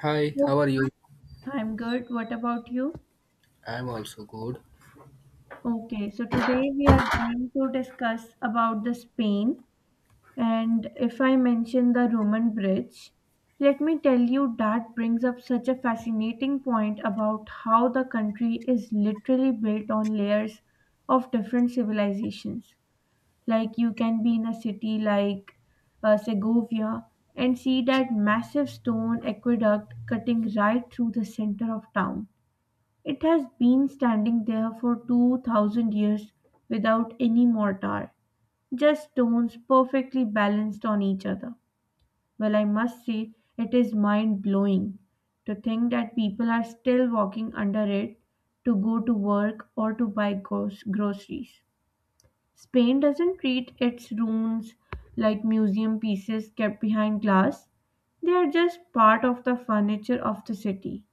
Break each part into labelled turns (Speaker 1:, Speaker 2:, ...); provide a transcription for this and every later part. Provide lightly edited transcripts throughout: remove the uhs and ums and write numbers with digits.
Speaker 1: Hi,
Speaker 2: Oh,
Speaker 1: how are you?
Speaker 2: I'm good. What about you?
Speaker 1: I'm also good.
Speaker 2: Okay, so today we are going to discuss about the Spain. And if I mention the Roman Bridge, let me tell you that brings up such a fascinating point about how the country is literally built on layers of different civilizations. Like you can be in a city like Segovia and see that massive stone aqueduct cutting right through the center of town. It has been standing there for 2,000 years without any mortar, just stones perfectly balanced on each other. Well, I must say, it is mind blowing to think that people are still walking under it to go to work or to buy groceries. Spain doesn't treat its ruins like museum pieces kept behind glass, they are just part of the furniture of the city,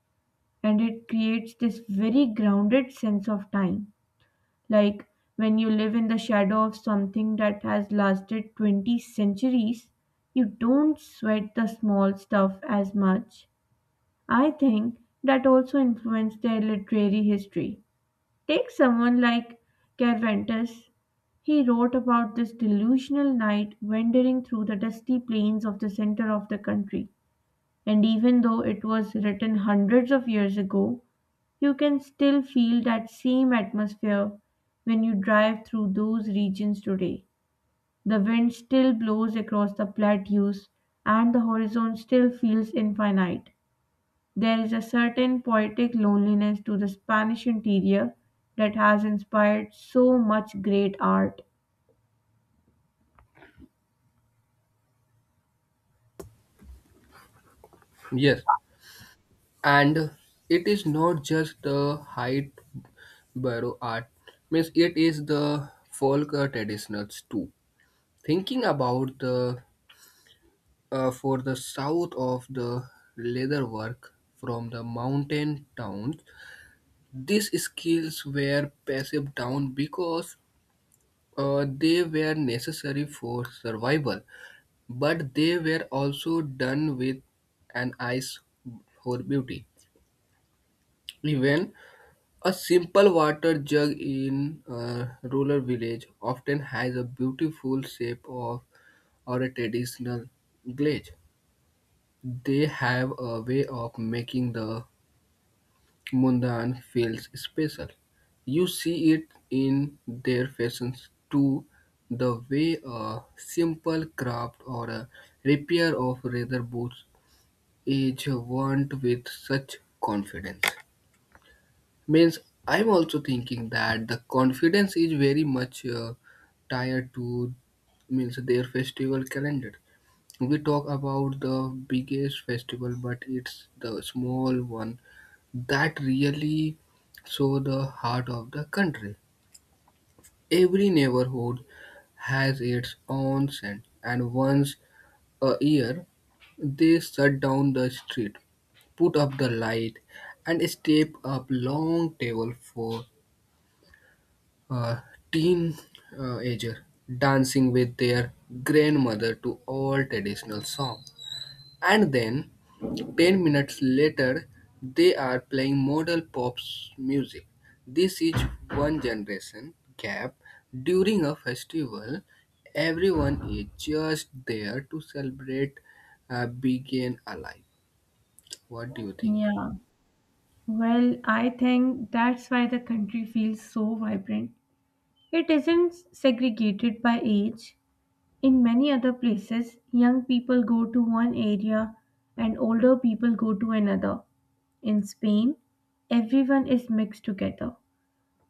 Speaker 2: and it creates this very grounded sense of time, like when you live in the shadow of something that has lasted 20 centuries, you don't sweat the small stuff as much. I think that also influenced their literary history. Take someone like Cervantes. He wrote about this delusional knight wandering through the dusty plains of the center of the country. And even though it was written hundreds of years ago, you can still feel that same atmosphere when you drive through those regions today. The wind still blows across the plateaus, and the horizon still feels infinite. There is a certain poetic loneliness to the Spanish interior that has inspired so much great art.
Speaker 1: Yes, and it is not just the height barrow art, means it is the folk traditions too. Thinking about the for the south of the leather work from the mountain towns, these skills were passed down because they were necessary for survival, but they were also done with an eyes for beauty. Even a simple water jug in a rural village often has a beautiful shape of or a traditional glaze. They have a way of making the mundane feels special. You see it in their fashions too, the way a simple craft or a repair of leather boots is want with such confidence means I'm also thinking that the confidence is very much tied to means their festival calendar. We talk about the biggest festival, but it's the small one that really show the heart of the country. Every neighborhood has its own scent, and once a year they shut down the street, put up the light, and step up long table for a teenager dancing with their grandmother to all traditional song, and then 10 minutes later they are playing model pop music. This is one generation gap. During a festival everyone is just there to celebrate being alive. What do you think?
Speaker 2: Yeah. Well, I think that's why the country feels so vibrant. It isn't segregated by age. In many other places, young people go to one area and older people go to another. In Spain, everyone is mixed together.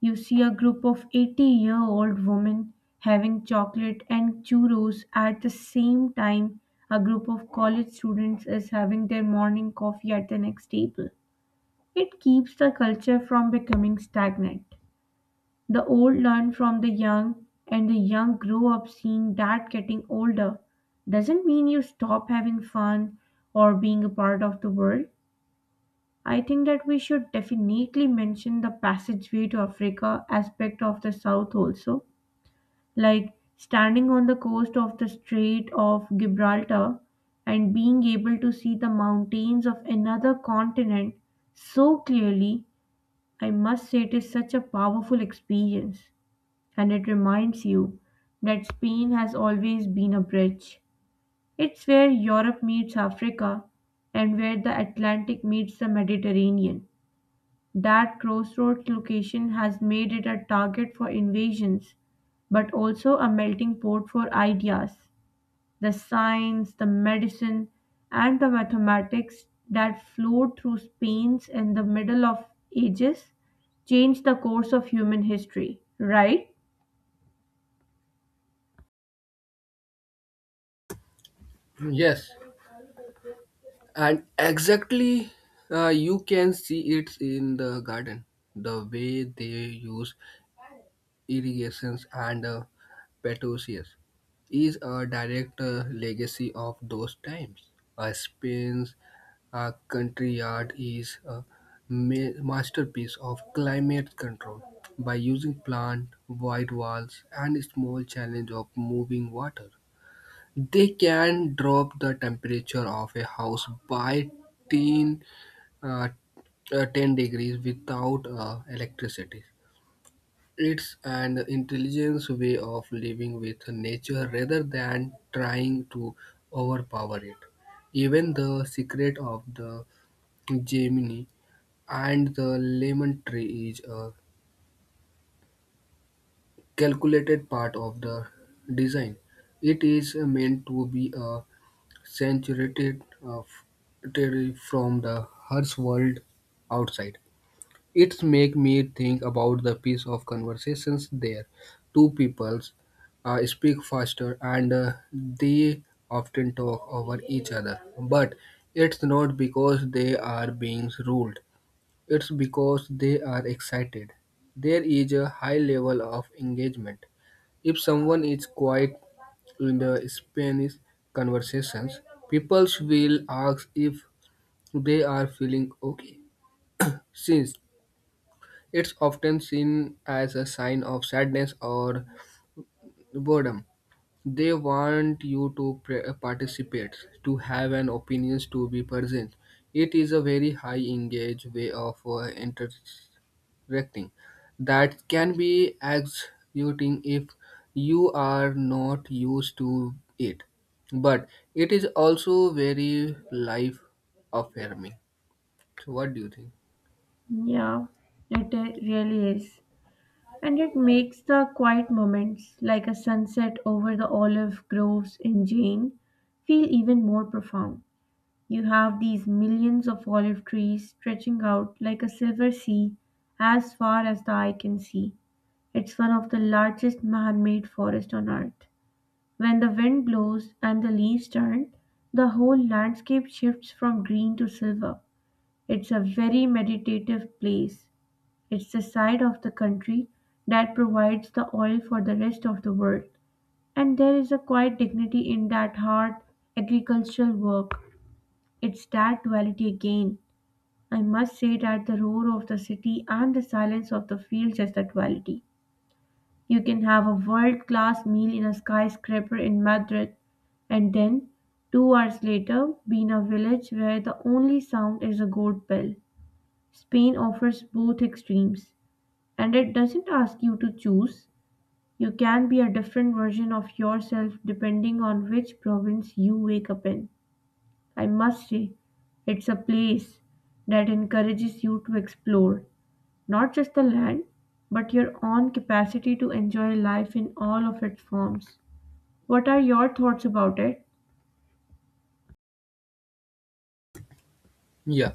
Speaker 2: You see a group of 80-year-old women having chocolate and churros at the same time a group of college students is having their morning coffee at the next table. It keeps the culture from becoming stagnant. The old learn from the young, and the young grow up seeing that getting older doesn't mean you stop having fun or being a part of the world. I think that we should definitely mention the passageway to Africa aspect of the South also, like standing on the coast of the Strait of Gibraltar and being able to see the mountains of another continent so clearly. I must say, it is such a powerful experience. And it reminds you that Spain has always been a bridge. It's where Europe meets Africa and where the Atlantic meets the Mediterranean. That crossroads location has made it a target for invasions, but also a melting pot for ideas. The science, the medicine, and the mathematics that flowed through Spain's in the middle of ages changed the course of human history, right?
Speaker 1: Yes, and exactly, you can see it in the garden the way they use irrigations and petunias is a direct legacy of those times. A spain's country yard is a masterpiece of climate control. By using plant wide walls and small challenge of moving water, they can drop the temperature of a house by 10, uh, uh, 10 degrees without electricity. It's an intelligent way of living with nature rather than trying to overpower it. Even the secret of the Gemini and the lemon tree is a calculated part of the design. It is meant to be a saturated territory from the harsh world outside. It make me think about the piece of conversations there. Two peoples speak faster, and they often talk over each other, but it's not because they are being ruled. It's because they are excited. There is a high level of engagement. If someone is quiet in the Spanish conversations, people will ask if they are feeling okay, since it's often seen as a sign of sadness or boredom. They want you to participate, to have an opinion, to be present. It is a very high engage way of entertaining. Acting that can be exhausting if you are not used to it, but it is also very life affirming. So what do you think?
Speaker 2: Yeah, it really is. And it makes the quiet moments, like a sunset over the olive groves in Jane, feel even more profound. You have these millions of olive trees stretching out like a silver sea as far as the eye can see. It's one of the largest man made forests on earth. When the wind blows and the leaves turn, the whole landscape shifts from green to silver. It's a very meditative place. It's the side of the country that provides the oil for the rest of the world. And there is a quiet dignity in that hard agricultural work. It's that duality again. I must say that the roar of the city and the silence of the fields is the duality. You can have a world class meal in a skyscraper in Madrid, and then, 2 hours later, be in a village where the only sound is a goat bell. Spain offers both extremes. And it doesn't ask you to choose. You can be a different version of yourself depending on which province you wake up in. I must say, it's a place that encourages you to explore not just the land, but your own capacity to enjoy life in all of its forms. What are your thoughts about it?
Speaker 1: Yeah,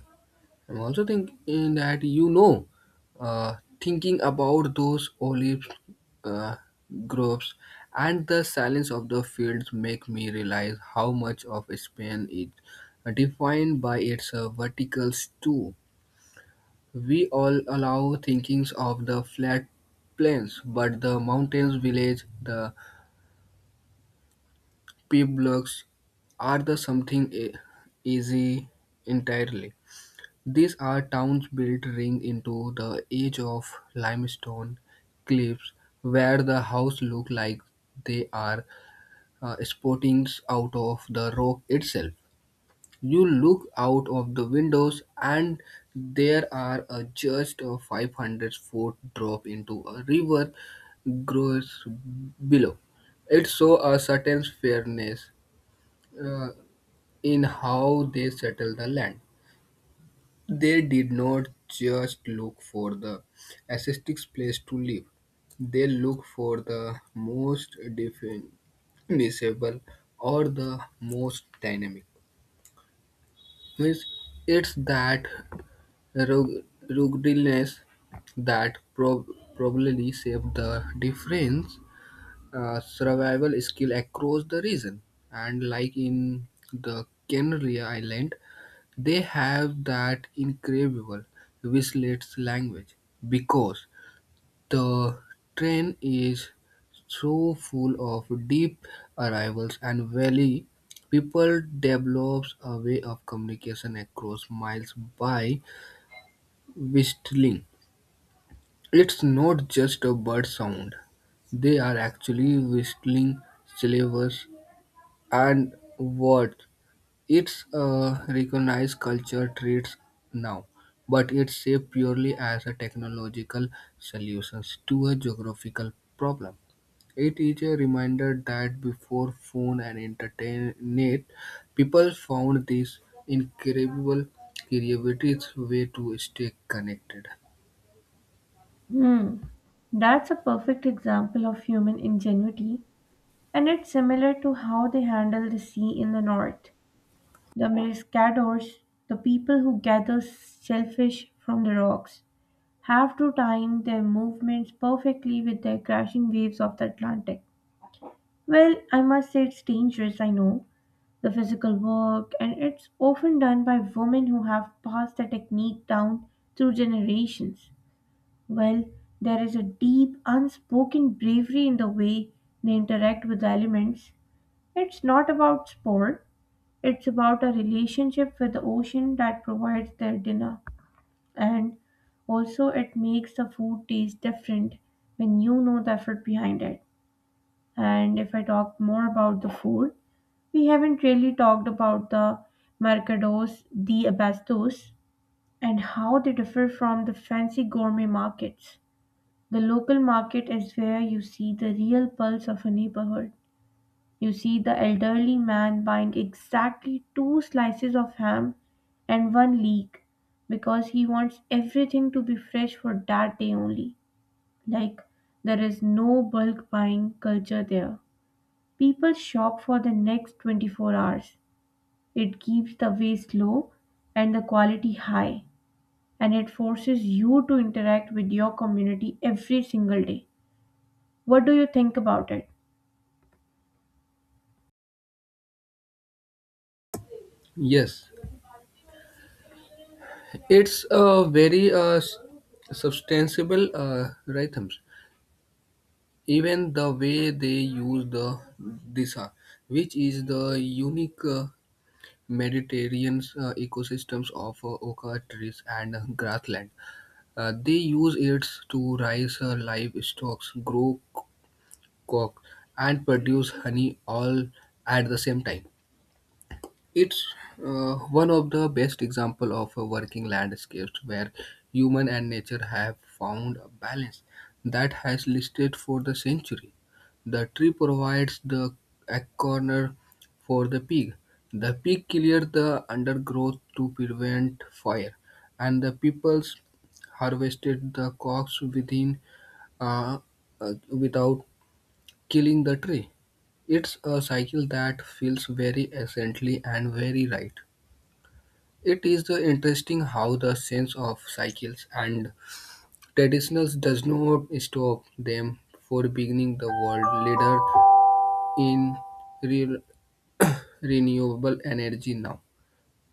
Speaker 1: I'm also thinking that you know thinking about those olive uh, groves and the silence of the fields make me realize how much of Spain is defined by its verticals too. We all allow thinkings of the flat plains, but the mountains village, the pueblos, are the something easy entirely. These are towns built ring into the edge of limestone cliffs, where the house look like they are sporting out of the rock itself. You look out of the windows and there are a just a 500-foot drop into a river grows below. It shows a certain fairness uh, in how they settle the land. They did not just look for the aesthetic place to live. They look for the most definable or the most dynamic means it's that rug- ruggedness that probably shaped the different survival skill across the region. And like in the Canary Island, they have that incredible whistlet language because the train is so full of deep arrivals and valley, people develops a way of communication across miles by whistling. It's not just a bird sound. They are actually whistling syllables and words. It's a recognized culture traits now, but it's shaped purely as a technological solution to a geographical problem. It is a reminder that before phone and internet, people found this incredible creativity way to stay connected.
Speaker 2: Hmm. That's a perfect example of human ingenuity, and it's similar to how they handle the sea in the north. The Pescadores, the people who gather shellfish from the rocks, have to time their movements perfectly with the crashing waves of the Atlantic. Well, I must say it's dangerous, I know, the physical work, and it's often done by women who have passed the technique down through generations. Well, there is a deep, unspoken bravery in the way they interact with the elements. It's not about sport, it's about a relationship with the ocean that provides their dinner. And also, it makes the food taste different when you know the effort behind it. And if I talk more about the food, we haven't really talked about the mercados, the abastos, and how they differ from the fancy gourmet markets. The local market is where you see the real pulse of a neighborhood. You see the elderly man buying exactly two slices of ham and one leek because he wants everything to be fresh for that day only. Like, there is no bulk buying culture there. People shop for the next 24 hours. It keeps the waste low and the quality high, and it forces you to interact with your community every single day. What do you think about it?
Speaker 1: Yes, it's a very substantial rhythms. Even the way they use the disa, which is the unique Mediterranean ecosystems of oka trees and grassland. They use it to raise livestock, grow cock, and produce honey all at the same time. It's one of the best example of a working landscapes where human and nature have found a balance that has lasted for the century. The tree provides the a corner for the pig. The pig clears the undergrowth to prevent fire, and the peoples harvested the crops within uh, without killing the tree. It's a cycle that feels very essentially and very right. It is the interesting how the sense of cycles and traditions does not stop them for beginning the world leader in real renewable energy now.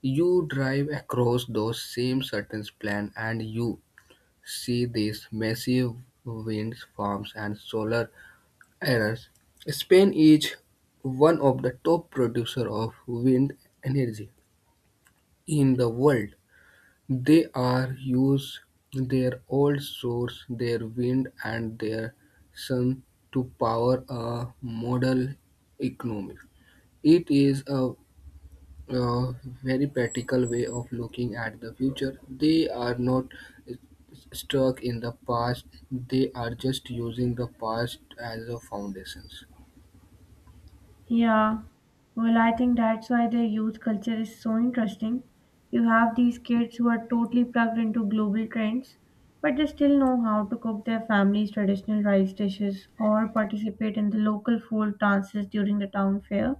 Speaker 1: You drive across those same certain plan and you see these massive wind farms and solar arrays. Spain is one of the top producer of wind energy in the world. They are use their old source, their wind and their sun to power a model economy. It is a very practical way of looking at the future. They are not stuck in the past. They are just using the past as a foundations.
Speaker 2: Yeah, well, I think that's why the youth culture is so interesting. You have these kids who are totally plugged into global trends, but they still know how to cook their family's traditional rice dishes or participate in the local folk dances during the town fair.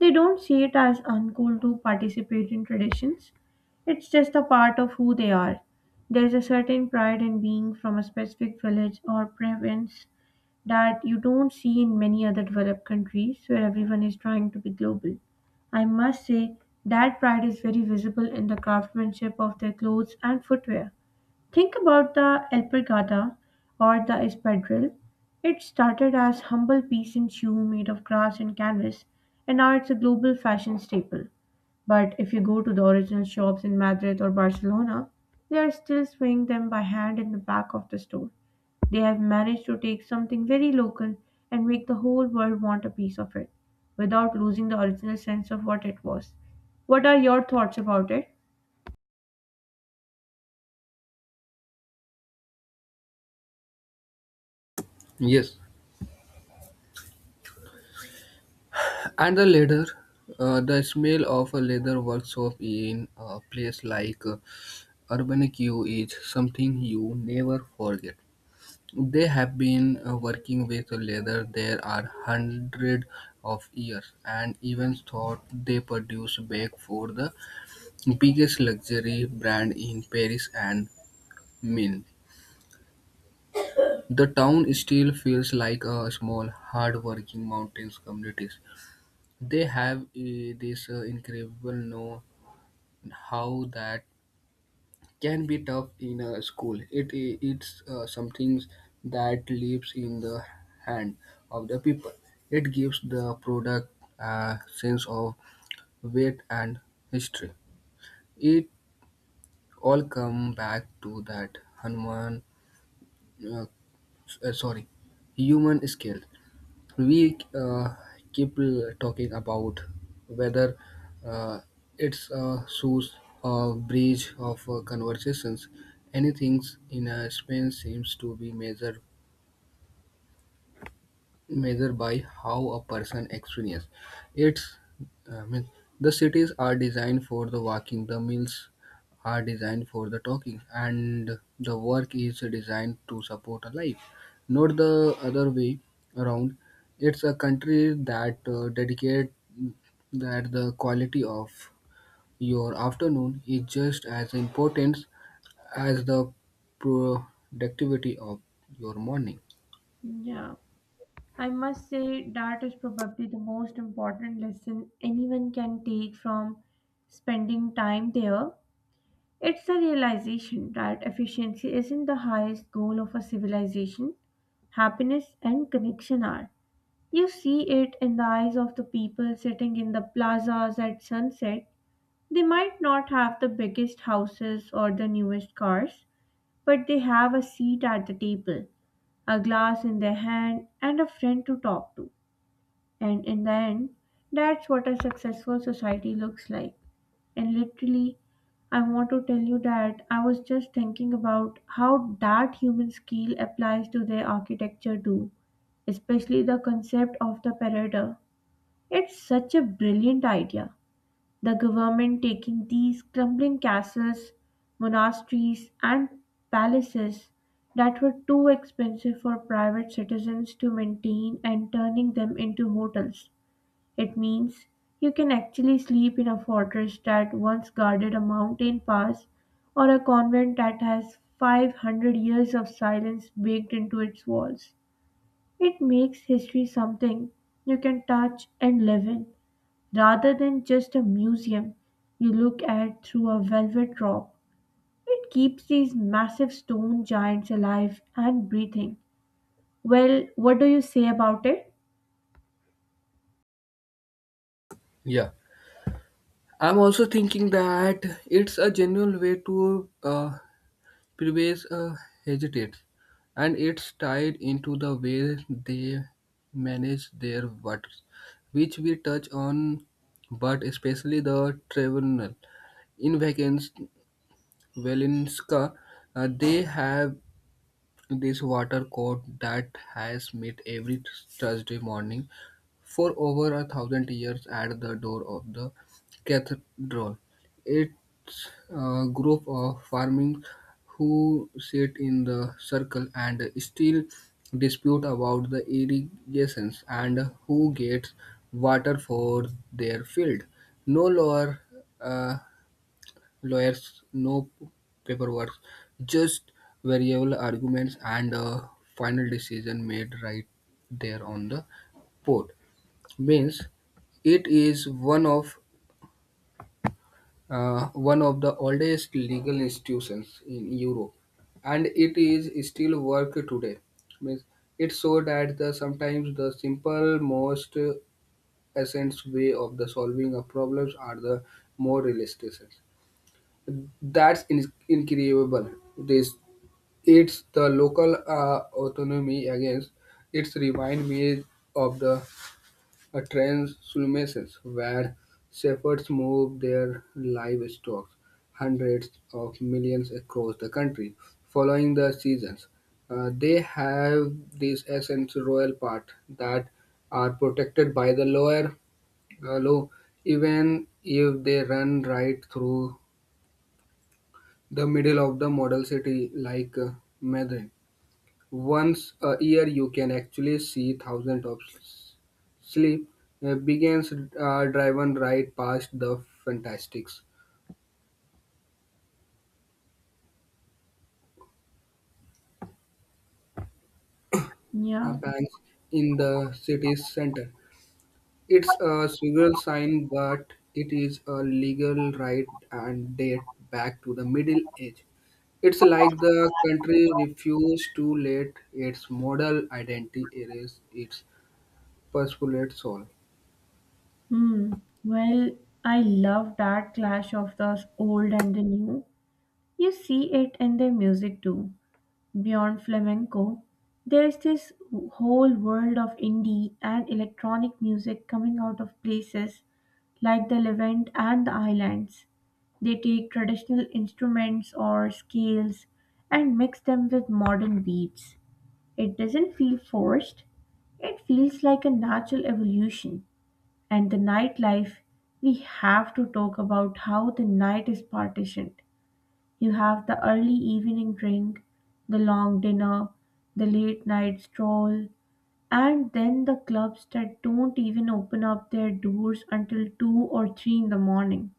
Speaker 2: They don't see it as uncool to participate in traditions, it's just a part of who they are. There's a certain pride in being from a specific village or province that you don't see in many other developed countries where everyone is trying to be global. I must say that pride is very visible in the craftsmanship of their clothes and footwear. Think about the alpargata or the espadrille. It started as humble peasant shoe made of grass and canvas, and now it's a global fashion staple. But if you go to the original shops in Madrid or Barcelona, they are still sewing them by hand in the back of the store. They have managed to take something very local and make the whole world want a piece of it without losing the original sense of what it was. What are your thoughts about it?
Speaker 1: Yes. And the leather, the smell of a leather workshop in a place like Urbanq is something you never forget. They have been working with leather there are hundreds of years, and even thought they produce back for the biggest luxury brand in Paris and Milan. The town still feels like a small, hard-working mountains community. They have this incredible know how that can be tough in a school. It's something that lives in the hand of the people. It gives the product a sense of weight and history. It all come back to that human, uh, sorry, human scale. We keep talking about whether uh, it's a source or breach of conversations. Anything in a space seems to be measured by how a person experiences. It's I mean, the cities are designed for the walking, the mills are designed for the talking, and the work is designed to support a life, not the other way around. It's a country that dedicate that the quality of your afternoon is just as important as the productivity of your morning.
Speaker 2: Yeah, I must say that is probably the most important lesson anyone can take from spending time there. It's the realization that efficiency isn't the highest goal of a civilization, happiness and connection are. You see it in the eyes of the people sitting in the plazas at sunset. They might not have the biggest houses or the newest cars, but they have a seat at the table, a glass in their hand, and a friend to talk to. And in the end, that's what a successful society looks like. And literally, I want to tell you that I was just thinking about how that human skill applies to their architecture too, especially the concept of the parader. It's such a brilliant idea. The government taking these crumbling castles, monasteries, and palaces that were too expensive for private citizens to maintain and turning them into hotels. It means you can actually sleep in a fortress that once guarded a mountain pass or a convent that has 500 years of silence baked into its walls. It makes history something you can touch and live in. Rather than just a museum you look at through a velvet rope, it keeps these massive stone giants alive and breathing. Well, what do you say about it?
Speaker 1: Yeah. I'm also thinking that it's a genuine way to prevail hesitates, and it's tied into the way they manage their waters, which we touch on, but especially the tribunal. In Vacans, Valinska, they have this water court that has met every Thursday morning for over 1,000 years at the door of the cathedral. It's a group of farming who sit in the circle and still dispute about the irrigations and who gets water for their field. No lower uh, lawyers, no paperwork, just variable arguments and a final decision made right there on the port. Means it is one of the oldest legal institutions in Europe, and it is still work today. Means it so that the sometimes the simple most essence way of the solving of problems are the more realistic. That's incredible. This it's the local autonomy against. It's remind me of the transhumances where shepherds move their livestock hundreds of millions across the country following the seasons. They have these essence royal part that are protected by the lower law, even if they run right through the middle of the model city like Madrid. Once a year you can actually see thousands of sleep begins driven right past the fantastics
Speaker 2: Yeah.
Speaker 1: banks in the city's center. It's a surreal sign but it is a legal right and date back to the middle age. It's like the country refused to let its model identity erase its postulate soul.
Speaker 2: Hmm. Well, I love that clash of the old and the new. You see it in their music too. Beyond flamenco, there's this whole world of indie and electronic music coming out of places like the Levant and the islands. They take traditional instruments or scales and mix them with modern beats. It doesn't feel forced, it feels like a natural evolution. And the nightlife, we have to talk about how the night is partitioned. You have the early evening drink, the long dinner, the late night stroll, and then the clubs that don't even open up their doors until 2 or 3 in the morning.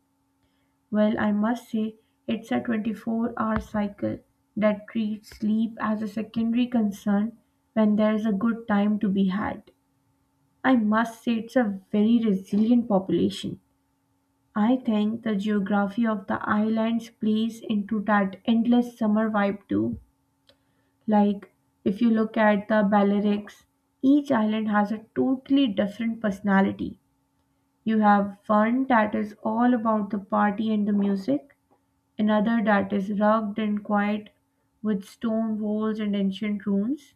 Speaker 2: Well, I must say, it's a 24-hour cycle that treats sleep as a secondary concern when there's a good time to be had. I must say, it's a very resilient population. I think the geography of the islands plays into that endless summer vibe too. Like, if you look at the Balearics, each island has a totally different personality. You have one that is all about the party and the music, another that is rugged and quiet with stone walls and ancient ruins,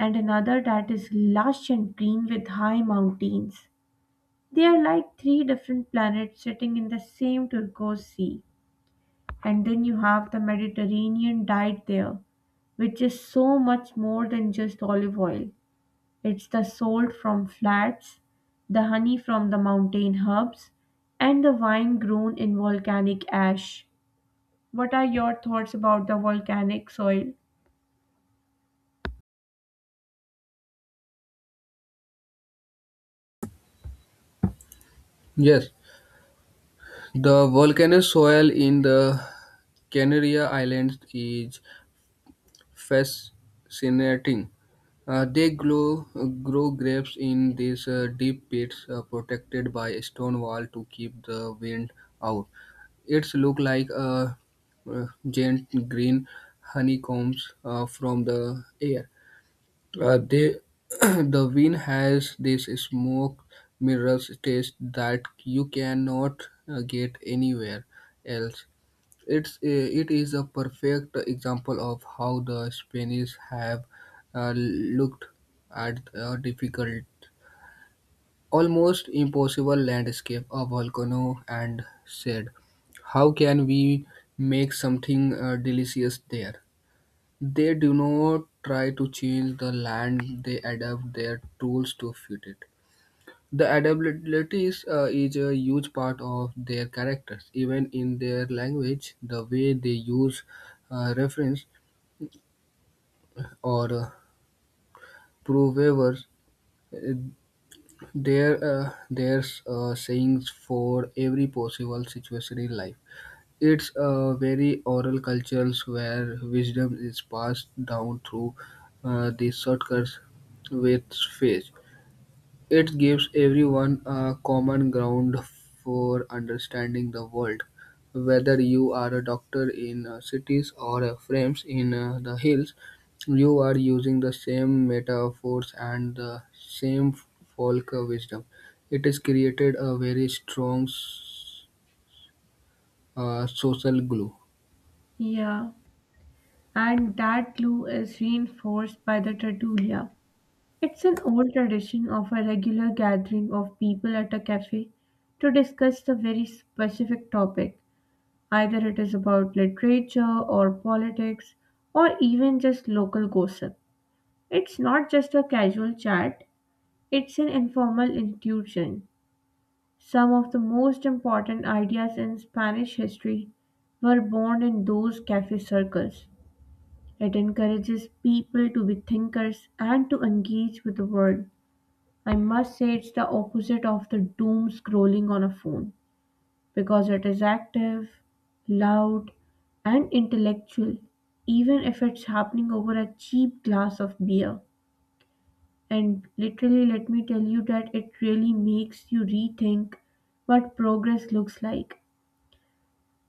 Speaker 2: and another that is lush and green with high mountains. They are like three different planets sitting in the same turquoise sea. And then you have the Mediterranean diet there, which is so much more than just olive oil. It's the salt from flats, the honey from the mountain hubs, and the wine grown in volcanic ash. What are your thoughts about the volcanic soil?
Speaker 1: Yes, the volcanic soil in the Canary Islands is fascinating. Uh, they grow, grow grapes in these deep pits protected by a stone wall to keep the wind out. It's look like a giant green honeycombs from the air. Uh, they, the wine has this smoke mirrors taste that you cannot get anywhere else. It's a- it is a perfect example of how the Spanish have looked at a difficult, almost impossible landscape, a volcano, and said, "How can we make something delicious there?" They do not try to change the land, they adapt their tools to fit it. The adaptabilities is a huge part of their characters, even in their language, the way they use reference or provers. uh, there's sayings for every possible situation in life. It's a very oral cultures where wisdom is passed down through the shortcuts with faith. It gives everyone a common ground for understanding the world. Whether you are a doctor in cities or a frames in the hills, you are using the same metaphors and the same folk wisdom. It has created a very strong social glue.
Speaker 2: Yeah, and that glue is reinforced by the tertulia. It's an old tradition of a regular gathering of people at a cafe to discuss the very specific topic. Either it is about literature or politics or even just local gossip. It's not just a casual chat, it's an informal institution. Some of the most important ideas in Spanish history were born in those cafe circles. It encourages people to be thinkers and to engage with the world. I must say, it's the opposite of the doom scrolling on a phone because it is active, loud, and intellectual, even if it's happening over a cheap glass of beer. And literally, let me tell you that it really makes you rethink what progress looks like.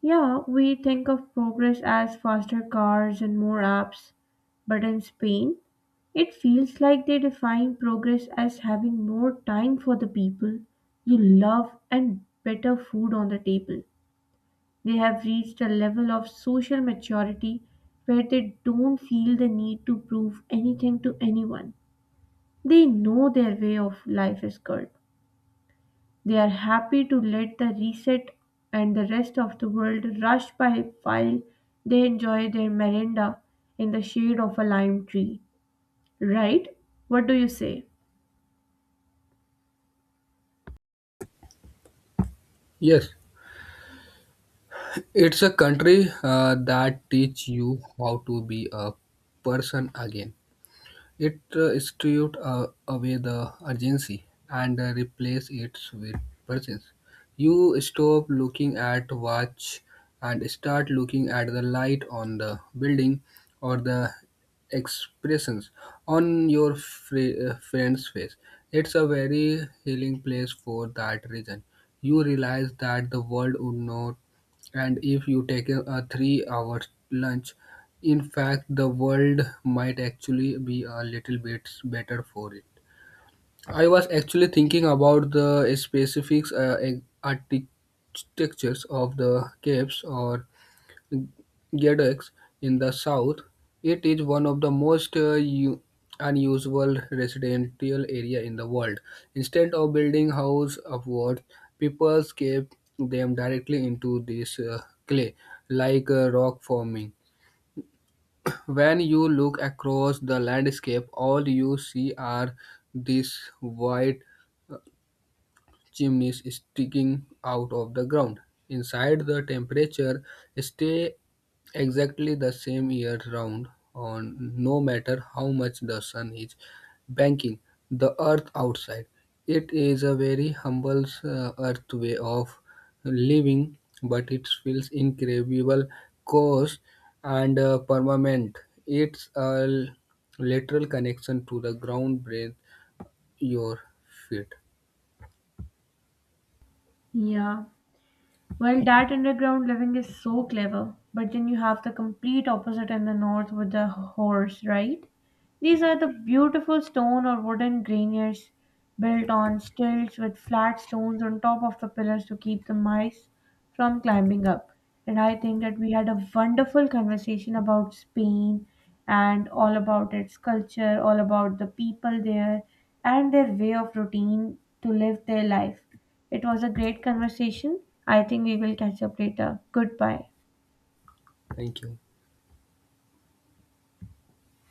Speaker 2: Yeah, we think of progress as faster cars and more apps, but in Spain, it feels like they define progress as having more time for the people you love and better food on the table. They have reached a level of social maturity where they don't feel the need to prove anything to anyone. They know their way of life is good. They are happy to let the reset and the rest of the world rush by while they enjoy their merenda in the shade of a lime tree. Right? What do you say?
Speaker 1: Yes. It's a country that teach you how to be a person again. It stripped away the urgency and replace it with presence. You stop looking at watch and start looking at the light on the building or the expressions on your friend's face. It's a very healing place for that reason. You realize that the world would not and if you take a 3 hour lunch, in fact, the world might actually be a little bit better for it. I was actually thinking about the specifics architectures of the caves or Gedex in the south. It is one of the most unusual residential area in the world. Instead of building house upwards, people scave them directly into this clay, like rock forming. When you look across the landscape, all you see are these white chimneys sticking out of the ground. Inside, the temperature stay exactly the same year round, on no matter how much the sun is banking the earth outside. It is a very humble earth way of living, but it feels incredible, coarse, and permanent. It's a lateral connection to the ground beneath your feet.
Speaker 2: Yeah. Well, that underground living is so clever, but then you have the complete opposite in the north with the horse, right? These are the beautiful stone or wooden greniers built on stilts with flat stones on top of the pillars to keep the mice from climbing up. And I think that we had a wonderful conversation about Spain and all about its culture, all about the people there and their way of routine to live their life. It was a great conversation. I think we will catch up later. Goodbye.
Speaker 1: Thank you.